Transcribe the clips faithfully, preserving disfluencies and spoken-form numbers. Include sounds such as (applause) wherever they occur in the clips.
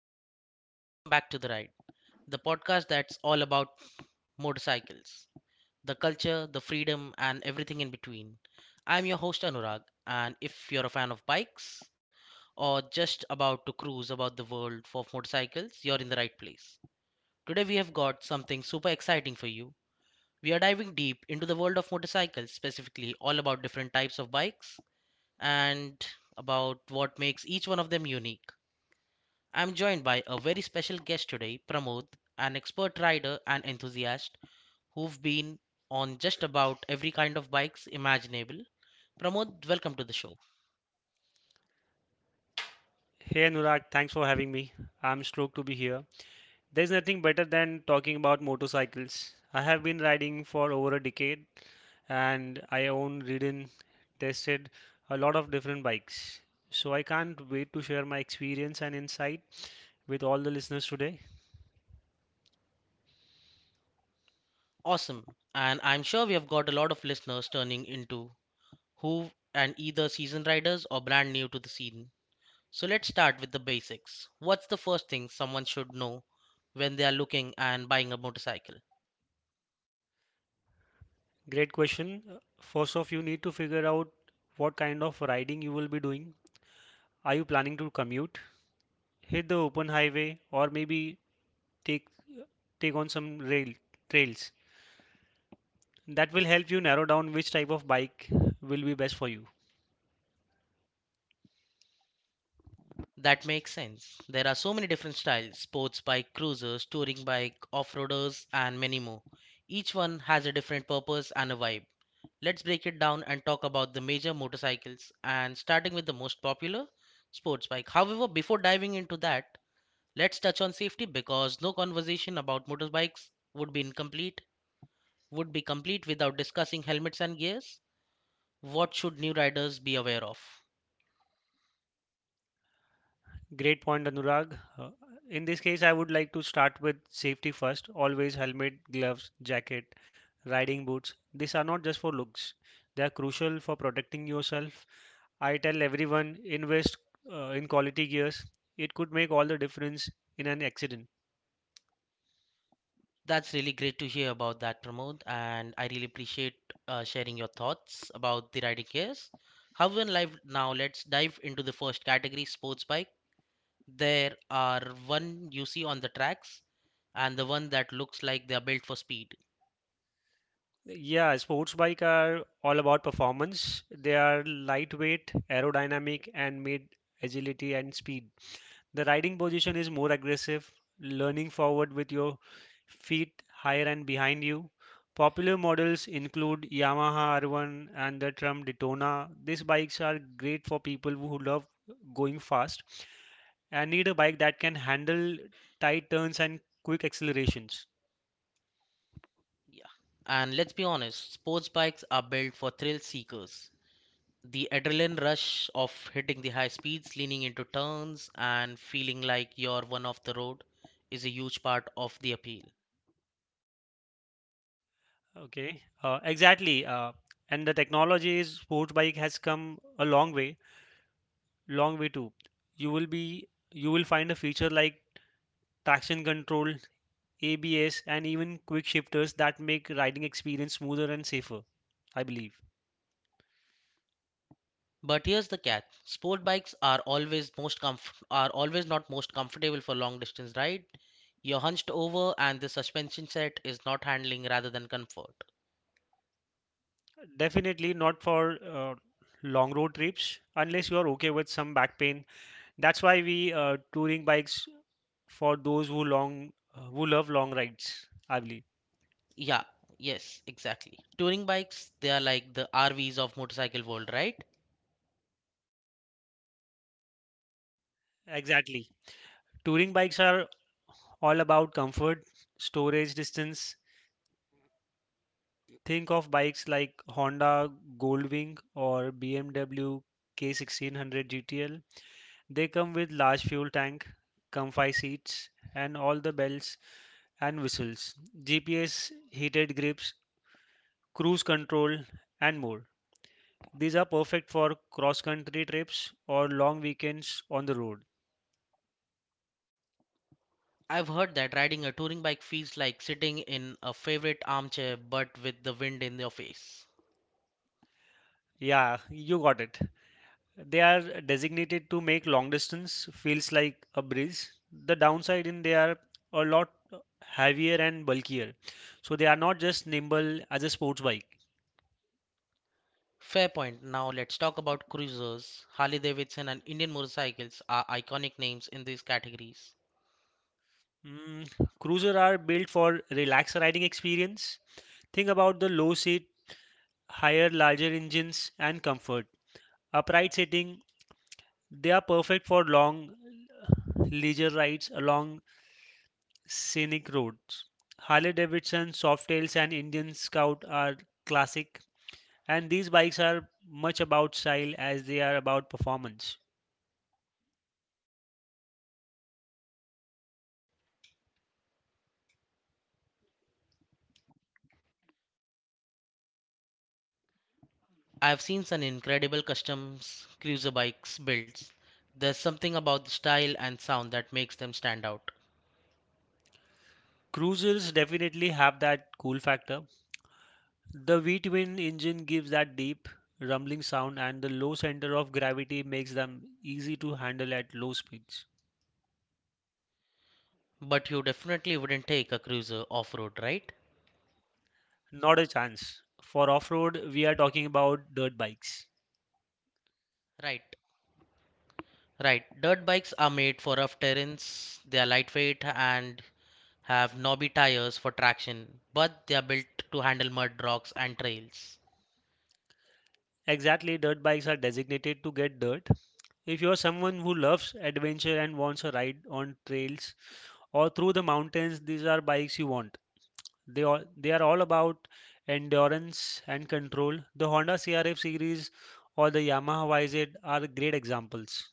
Hey everyone, welcome back to The Ride, the podcast that's all about motorcycles, the culture, the freedom, and everything in between. I'm your host Anurag, and if you're a fan of bikes or just about to cruise about the world for motorcycles, you're in the right place. Today we have got something super exciting for you. We are diving deep into the world of motorcycles, specifically all about different types of bikes and about what makes each one of them unique. I'm joined by a very special guest today, Pramod, an expert rider and enthusiast who've been on just about every kind of bikes imaginable. Pramod, welcome to the show. Hey Anurag, thanks for having me. I'm stoked to be here. There's nothing better than talking about motorcycles. I have been riding for over a decade and I own, ridden, tested a lot of different bikes. So I can't wait to share my experience and insight with all the listeners today. Awesome. And I'm sure we have got a lot of listeners turning into who and either seasoned riders or brand new to the scene. So let's start with the basics. What's the first thing someone should know when they are looking and buying a motorcycle? Great question. First off, you need to figure out what kind of riding you will be doing. Are you planning to commute, hit the open highway, or maybe take take on some rail trails? That will help you narrow down which type of bike will be best for you. That makes sense. There are so many different styles sports bike, cruisers, touring bike, off roaders, and many more. Each one has a different purpose and a vibe. Let's break it down and talk about the major motorcycles and starting with the most popular sports bike. However, before diving into that, let's touch on safety because no conversation about motorbikes would be incomplete would be complete without discussing helmets and gears. What should new riders be aware of? Great point, Anurag. Uh, in this case, I would like to start with safety first. Always helmet, gloves, jacket, riding boots. These are not just for looks, they are crucial for protecting yourself. I tell everyone invest uh, in quality gears, it could make all the difference in an accident. That's really great to hear about that, Pramod, and I really appreciate uh, sharing your thoughts about the riding gears. However, in life now let's dive into the first category, sports bike. There are one you see on the tracks and the one that looks like they are built for speed. Yeah, sports bike are all about performance. They are lightweight, aerodynamic, and made agility and speed. The riding position is more aggressive, leaning forward with your feet higher and behind you. Popular models include Yamaha R one and the Trump Daytona. These bikes are great for people who love going fast and need a bike that can handle tight turns and quick accelerations. Yeah. And let's be honest, sports bikes are built for thrill seekers. The adrenaline rush of hitting the high speeds, leaning into turns, and feeling like you're one off the road is a huge part of the appeal. Okay, uh, exactly. Uh, and the technology is sports bike has come a long way, long way too. You will be you will find a feature like traction control, A B S, and even quick shifters that make riding experience smoother and safer, I believe. But here's the catch. Sport bikes are always most comf- are always not most comfortable for long distance ride. You're hunched over and the suspension set is not handling rather than comfort. Definitely not for uh, long road trips unless you are okay with some back pain. That's why we uh, touring bikes for those who long uh, who love long rides, I believe. Yeah, yes, exactly. Touring bikes, they are like the R Vs of motorcycle world, right? Exactly. Touring bikes are all about comfort, storage, distance. Think of bikes like Honda Goldwing or B M W K sixteen hundred G T L. They come with large fuel tank, comfy seats, and all the bells and whistles, G P S, heated grips, cruise control, and more. These are perfect for cross-country trips or long weekends on the road. I've heard that riding a touring bike feels like sitting in a favorite armchair but with the wind in your face. Yeah, you got it. They are designated to make long distance feels like a breeze. The downside in they are a lot heavier and bulkier. So they are not just nimble as a sports bike. Fair point. Now let's talk about cruisers. Harley Davidson and Indian motorcycles are iconic names in these categories. Mm, cruiser are built for relaxed riding experience. Think about the low seat, higher, larger engines, and comfort. Upright sitting, they are perfect for long leisure rides along scenic roads. Harley Davidson, Softails, and Indian Scout are classic, and these bikes are much about style as they are about performance. Cruisers definitely have that cool factor. The V twin engine gives that deep, rumbling sound, and the low center of gravity makes them easy to handle at low speeds. Not a chance. For off road, we are talking about dirt bikes. Exactly, dirt bikes are designated to get dirt. If you are someone who loves adventure and wants a ride on trails or through the mountains, these are bikes you want. They are, they are all about endurance and control. The Honda C R F series or the Yamaha Y Z are great examples.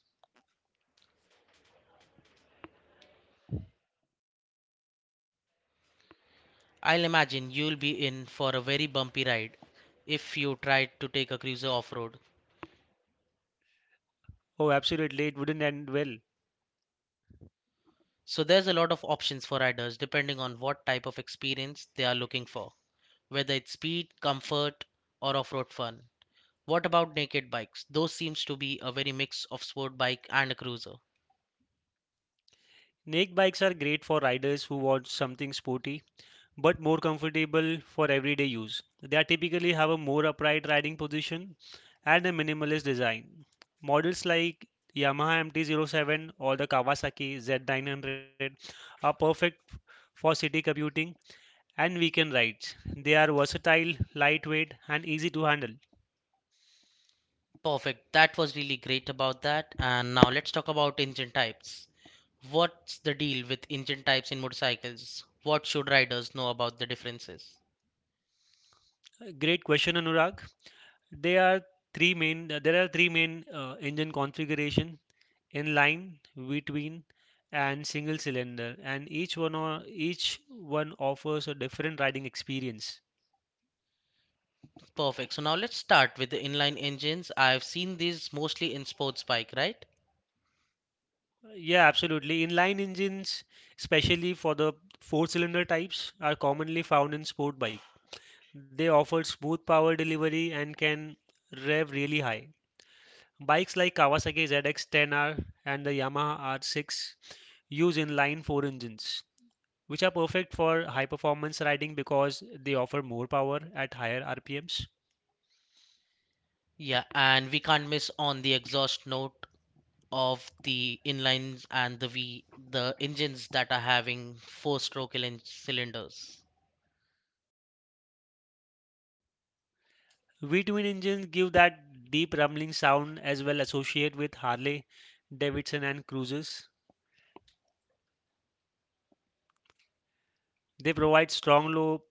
Oh, absolutely, it wouldn't end well. Naked bikes are great for riders who want something sporty but more comfortable for everyday use. They are typically have a more upright riding position and a minimalist design. Models like Yamaha mt Zero Seven or the Kawasaki Z nine hundred are perfect for city commuting and weekend rides. They are versatile, lightweight, and easy to handle. Great question, Anurag. They are three main. There are three main uh, engine configuration, in line, between, and single cylinder, and each one o- each one offers a different riding experience. Yeah, absolutely. Inline engines, especially for the four cylinder types, are commonly found in sport bike. They offer smooth power delivery and can rev really high. Bikes like Kawasaki Z X ten R and the Yamaha R six use inline four engines, which are perfect for high performance riding because they offer more power at higher RPMs. V-twin engines give that deep rumbling sound as well associated with Harley Davidson and cruisers. They provide strong low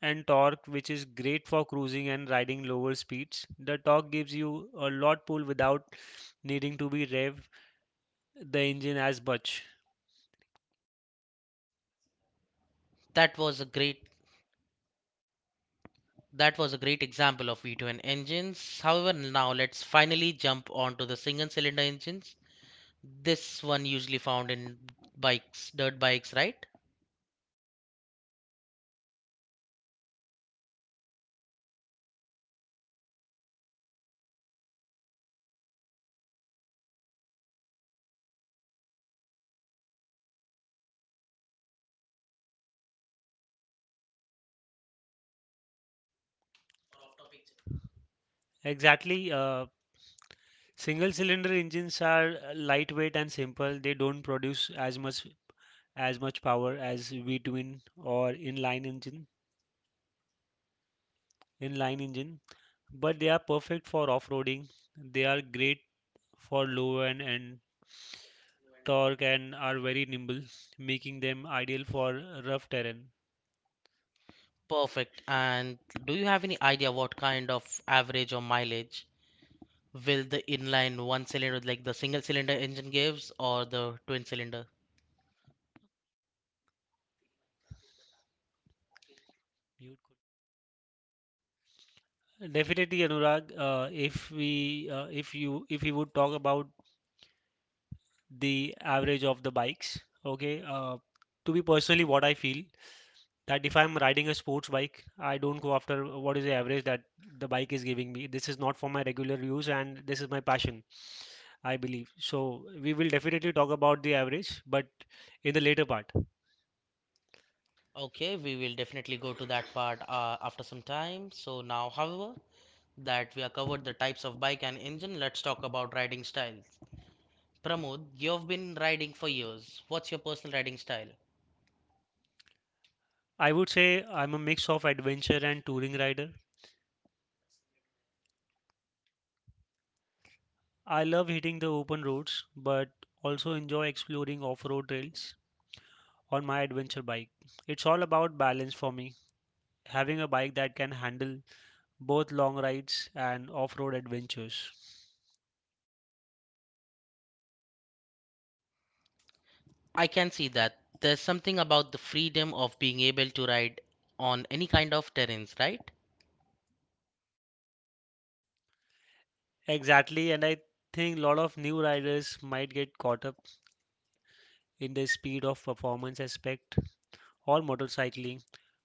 and torque which is great for cruising and riding lower speeds. The torque gives you a lot pull without needing to be rev the engine as much. Exactly. Uh, single cylinder engines are uh, lightweight and simple. They don't produce as much as much power as V-twin or inline engine. Inline engine. But they are perfect for off-roading. They are great for low end and torque and are very nimble, making them ideal for rough terrain. You definitely, Anurag. Uh, if we, uh, if you, if you would talk about the average of the bikes, okay. Uh, to be personally, what I feel that if I'm riding a sports bike, I don't go after what is the average that the bike is giving me. This is not for my regular use, and this is my passion. I believe. So we will definitely talk about the average, but in the later part. I would say I'm a mix of adventure and touring rider. I love hitting the open roads, but also enjoy exploring off-road trails on my adventure bike. It's all about balance for me, having a bike that can handle both long rides and off-road adventures. Exactly, and I think a lot of new riders might get caught up in the speed of performance aspect or motorcycling.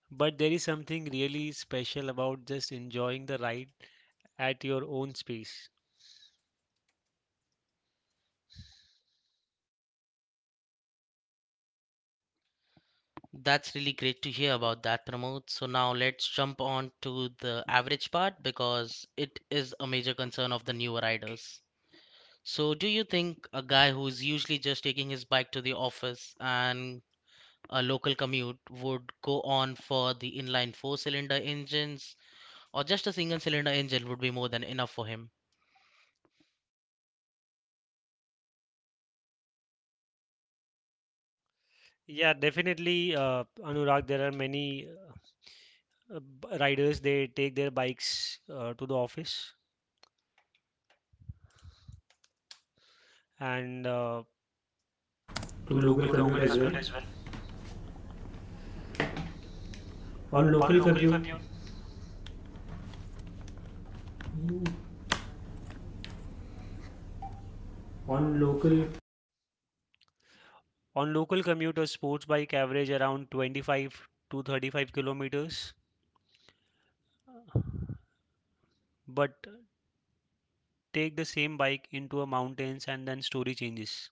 But there is something really special about just enjoying the ride at your own space. Yeah, definitely, uh, Anurag. There are many uh, b- riders, they take their bikes uh, to the office and uh, To to local local commute as well. computer as well. On on On local local commute, compute, on local. on local commute, a sports bike average around twenty-five to thirty-five kilometers. uh, But take the same bike into a mountains and then story changes.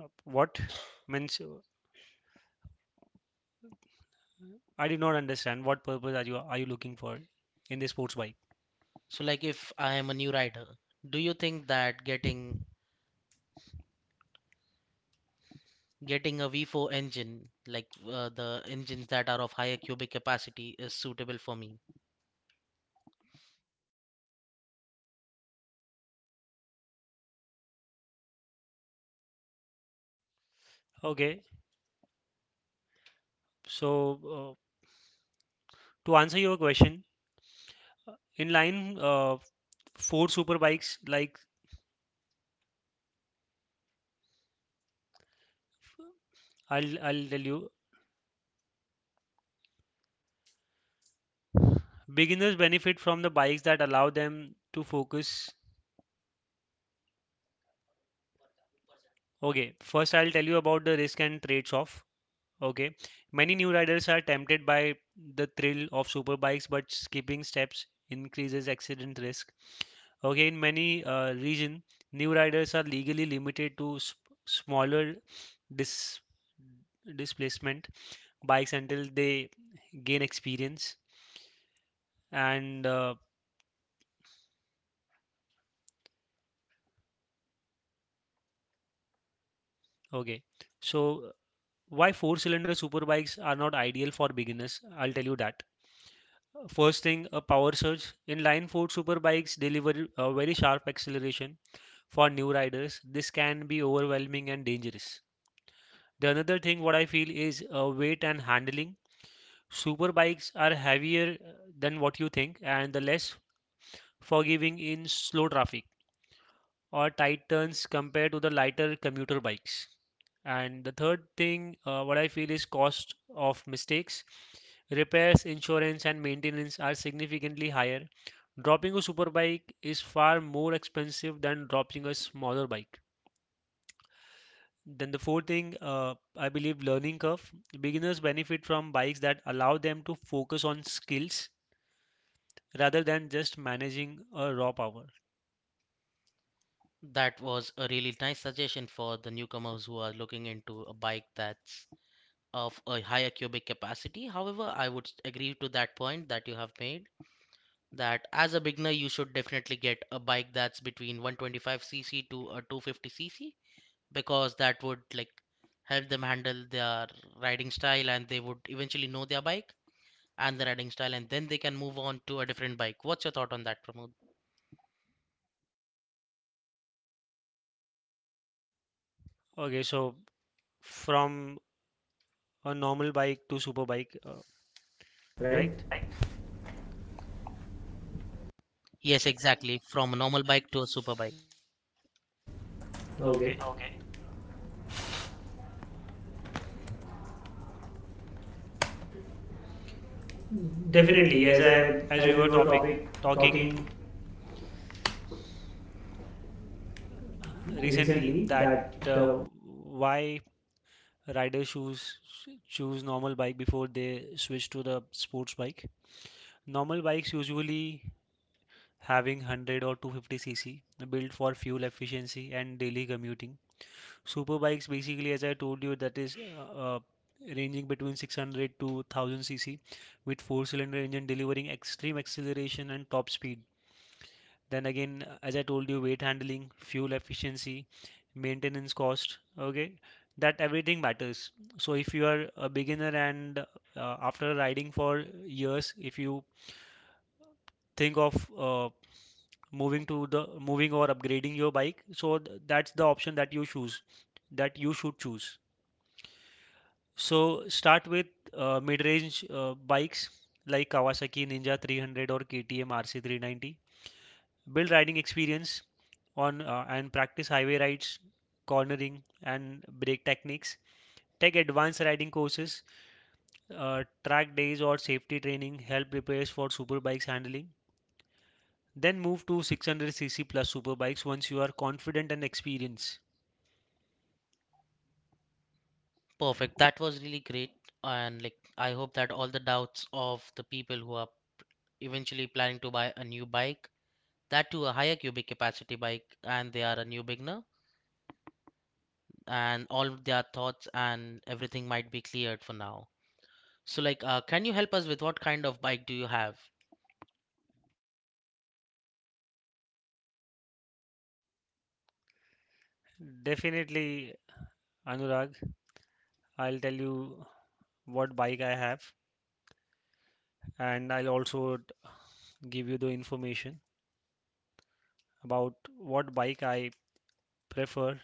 Uh, What means? uh, I did not understand what purpose are you are you looking for in the sports bike. Okay, so uh, to answer your question, uh, in line uh, four super bikes like I'll I'll tell you, beginners benefit from the bikes that allow them to focus. Okay, first I'll tell you about the risk and trades off. Okay. Many new riders are tempted by the thrill of superbikes, but skipping steps increases accident risk. Okay, in many uh, region, new riders are legally limited to sp smaller dis displacement bikes until they gain experience. And uh, okay, so why four-cylinder superbikes are not ideal for beginners? I'll tell you that. First thing, a power surge. Inline four superbikes deliver a very sharp acceleration. For new riders, this can be overwhelming and dangerous. The another thing what I feel is uh, weight and handling. Super bikes are heavier uh, than what you think and the less forgiving in slow traffic or tight turns compared to the lighter commuter bikes. And the third thing uh, what I feel is cost of mistakes. Repairs, insurance, and maintenance are significantly higher. Dropping a superbike is far more expensive than dropping a smaller bike. Then the fourth thing, uh, I believe learning curve. Beginners benefit from bikes that allow them to focus on skills rather than just managing a raw power. Okay, so from a normal bike to super bike, uh, right? Right. Okay. Okay. Definitely. Definitely, As as I, I as as we we were were topic topic talking talking recently recently that that uh, uh, why riders choose choose normal bike before they switch to the sports bike. Normal bikes usually having one hundred or two fifty c c built for fuel efficiency and daily commuting. Super bikes, basically as I told you that is uh, uh, ranging between six hundred to one thousand c c with four cylinder engine delivering extreme acceleration and top speed. Then again uh, as I told you weight handling, fuel efficiency, maintenance cost, okay? That everything matters. So if you are a beginner and uh, after riding for years if you think of uh, moving to the moving or upgrading your bike so th- that's the option that you choose that you should choose, so start with uh, mid-range uh, bikes like Kawasaki Ninja three hundred or K T M R C three ninety, build riding experience on uh, and practice highway rides, cornering and brake techniques, take advanced riding courses, uh, track days or safety training help prepares for super bikes handling. Then move to six hundred c c plus super bikes once you are confident and experienced. Definitely, Anurag, I'll tell you what bike I have, and I'll also give you the information about what bike I prefer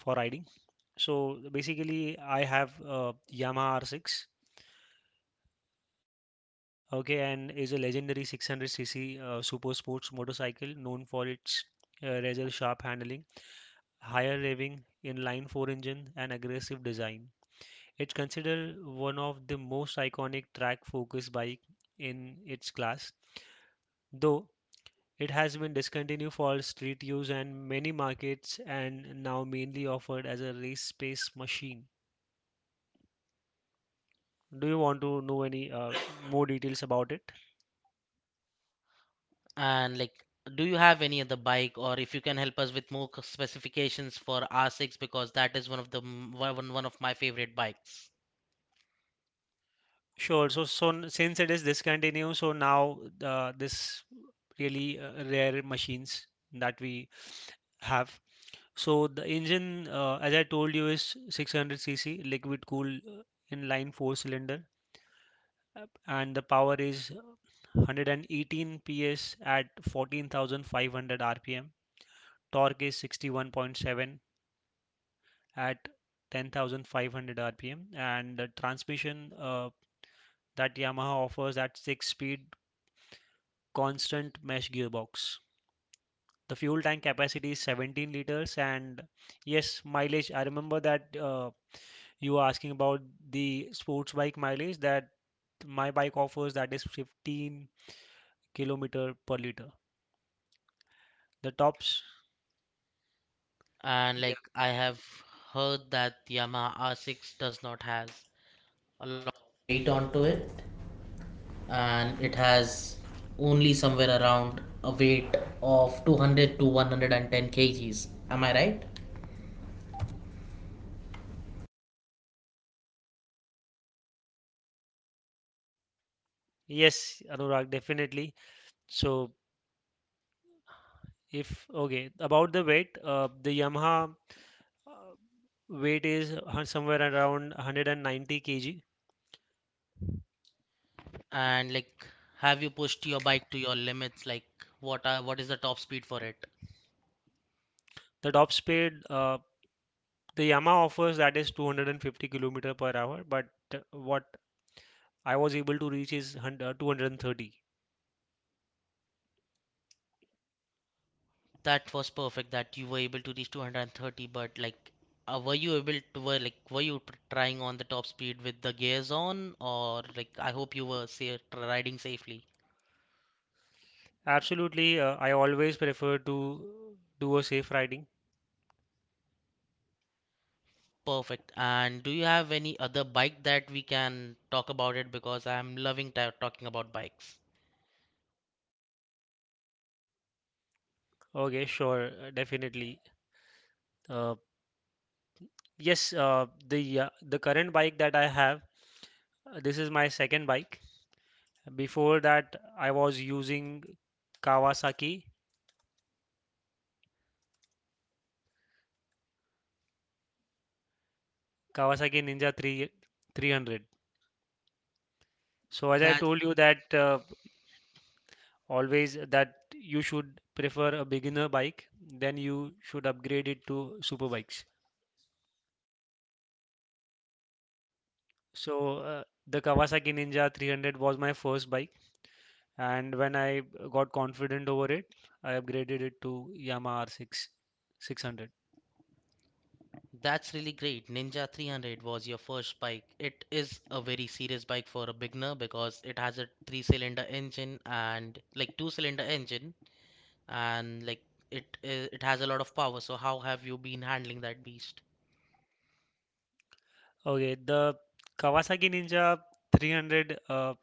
for riding. So basically, I have a Yamaha R six, okay, and is a legendary six hundred c c uh, super sports motorcycle known for its uh, razor sharp handling, higher revving inline four engine, and aggressive design. It's considered one of the most iconic track focus bike in its class, though it has been discontinued for street use and many markets and now mainly offered as a race pace machine. Do you want to know any uh, (coughs) more details about it? Sure. So, so n- since it is discontinued, so now uh, this really uh, rare machines that we have. So the engine, uh, as I told you, is six hundred cc liquid cooled, uh, inline four cylinder, uh, and the power is uh, one hundred eighteen P S at fourteen thousand five hundred R P M. Torque is sixty one point seven at ten thousand five hundred R P M, and the transmission uh, that Yamaha offers at six speed constant mesh gearbox. The fuel tank capacity is seventeen liters, and yes, mileage. I remember that uh, you were asking about the sports bike mileage that my bike offers, that is fifteen kilometer per liter. The tops, yes, Anurag, definitely. So if okay, about the weight, uh, the Yamaha uh, weight is uh, somewhere around one hundred ninety k g. The top speed uh, The Yamaha offers, that is two hundred fifty kilometer per hour, but uh, what I was able to reach is hun- uh, two hundred thirty. Absolutely, uh, I always prefer to do a safe riding. Okay, sure, uh, definitely. Uh, yes, uh, the uh, the current bike that I have, uh, this is my second bike. Before that, I was using Kawasaki Kawasaki Ninja 3 300. So as I told you that uh, always that you should prefer a beginner bike, then you should upgrade it to super bikes. So uh, the Kawasaki Ninja three hundred was my first bike, and when I got confident over it, I upgraded it to Yamaha R six six hundred. Okay, the Kawasaki Ninja three hundred uh,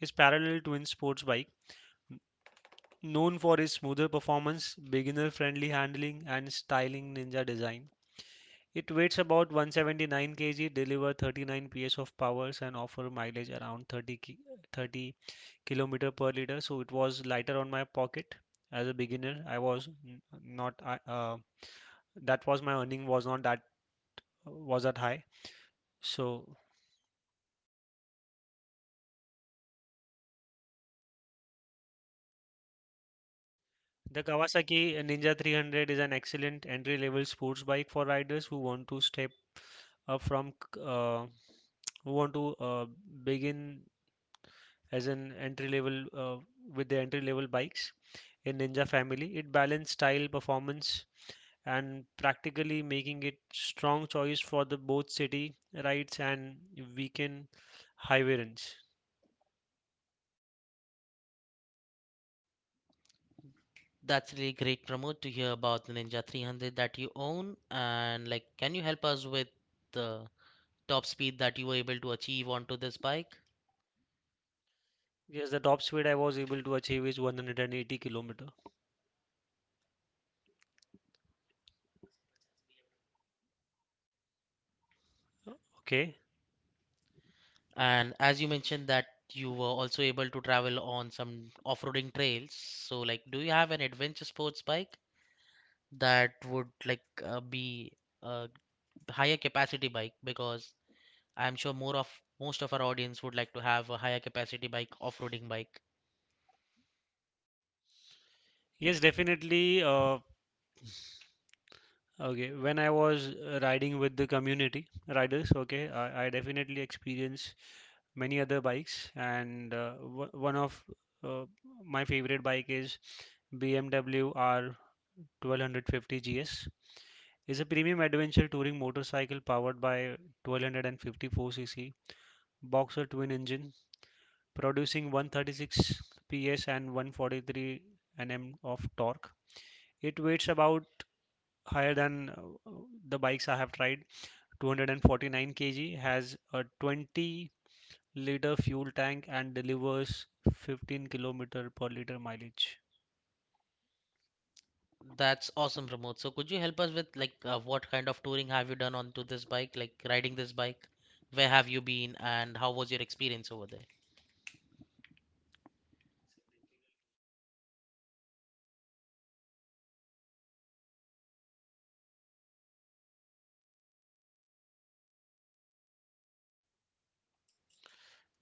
is parallel twin sports bike, known for its smoother performance, beginner friendly handling, and styling ninja design. It weighs about one hundred seventy nine k g, deliver thirty nine P S of powers, and offer mileage around thirty thirty ki- kilometer per liter. So it was lighter on my pocket. As a beginner, I was not I- uh, that was my earning was not that was that high. So the Kawasaki Ninja three hundred is an excellent entry level sports bike for riders who want to step up from uh, who want to uh, begin as an entry level uh, with the entry level bikes in Ninja family. It balanced style, performance, and practically, making it strong choice for the both city rides and weekend highway runs. Yes, the top speed I was able to achieve is one hundred eighty kilometer. Okay. Yes, definitely. Uh, Okay, when I was uh, riding with the community riders, okay, I, I definitely experienced many other bikes, and uh, w one of uh, my favorite bike is B M W R twelve fifty G S. It's a premium adventure touring motorcycle powered by one thousand two hundred fifty four c c boxer twin engine, producing one hundred thirty six P S and one hundred forty three Nm of torque. It weighs about higher than uh, the bikes I have tried. two hundred forty nine kilograms, has a twenty liter fuel tank and delivers fifteen kilometer per liter mileage.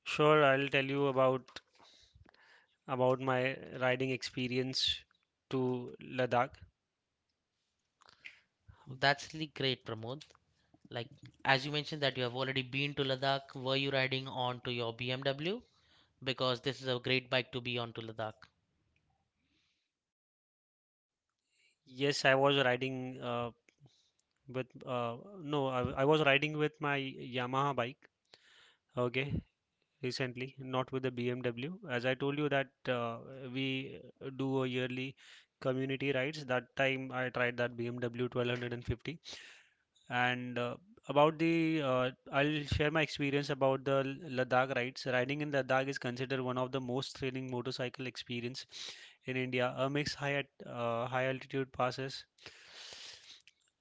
Sure, I'll tell you about about my riding experience to Ladakh. That's really great, Pramod. Yes, I was riding uh, with uh, no, I, I was riding with my Yamaha bike. Okay, recently, not with the B M W. As I told you that uh, we do a yearly community rides. That time I tried that B M W twelve fifty. And uh, about the, uh, I'll share my experience about the L- Ladakh rides. Riding in Ladakh is considered one of the most thrilling motorcycle experience in India. A mix high at uh, high altitude passes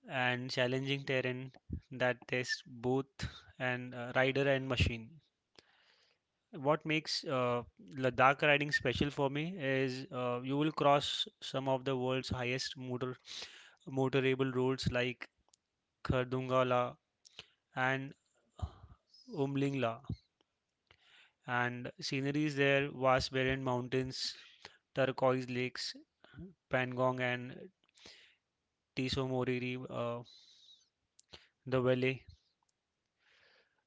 and challenging terrain that tests both and uh, rider and machine. What makes uh, Ladakh riding special for me is uh, you will cross some of the world's highest motor motorable roads like Khardungala and Umlingla, and scenery is there: vast barren mountains, turquoise lakes, Pangong and Tiso Moriri, uh, the valley.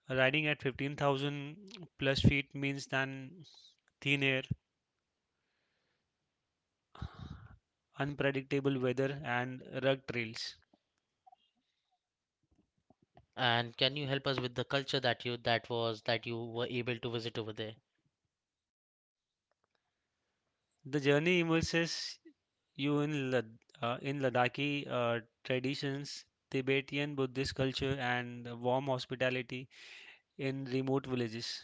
Riding at fifteen thousand plus feet means than thin air, unpredictable weather, and rugged trails. The journey immerses you in Lad- uh, in Ladakhi uh, traditions, Tibetan Buddhist culture, and the warm hospitality in remote villages.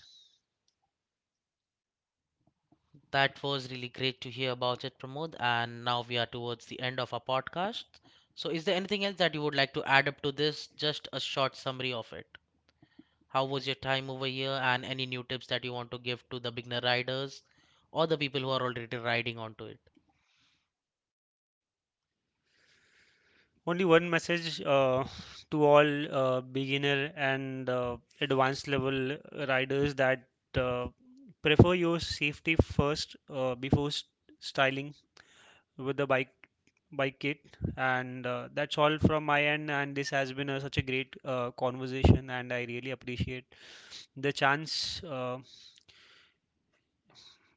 Only one message uh, (laughs) to all uh, beginner and uh, advanced level riders, that uh, prefer your safety first uh, before s- styling with the bike bike kit. And uh, that's all from my end, and this has been a, such a great uh, conversation, and I really appreciate the chance. uh,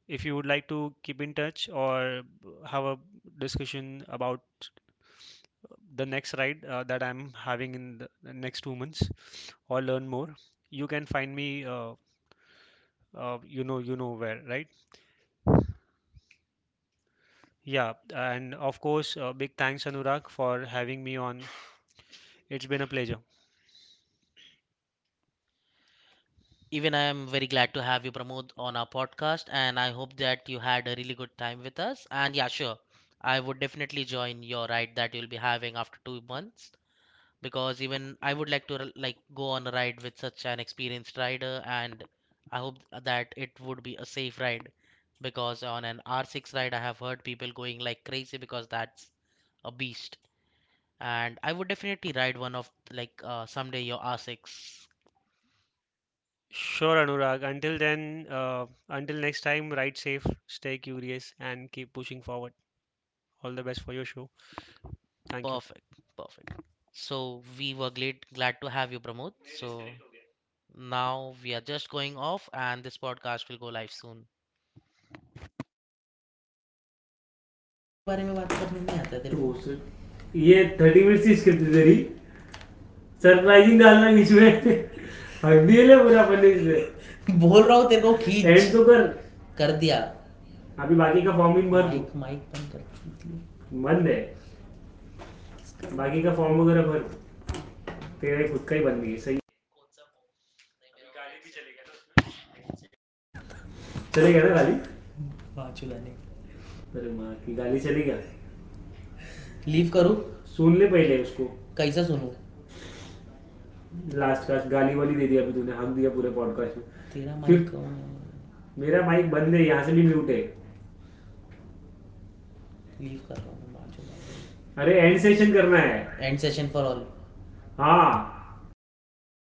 If you would like to keep in touch or have a discussion about the next ride uh, that I'm having in the next two months, or learn more, you can find me uh, uh, you know, you know where, right? Yeah, and of course, uh, big thanks, Anurag, for having me on. It's been a pleasure. Sure, Anurag. Until then, uh, until next time, ride safe, stay curious, and keep pushing forward. All the best for your show. Thank you. वो से- ये thirty minute की script तेरी surprising डालना बीच में हक दिए ले पूरा अपन ने इसमें एंड एंड तो कर अभी बाकी का फॉर्म भी भर बंद है बाकी का फॉर्म वगैरह भर तेरा ही खुद का ही बंद है सही चले गया ना गाली अरे माँ की गाली चली गया सुन ले पहले उसको लास्ट का गाली वाली दे दिया अभी तूने हक दिया पूरे पॉडकास्ट में फिर- मेरा माइक बंद है यहाँ से भी म्यूट है अरे एंड सेशन करना है हाँ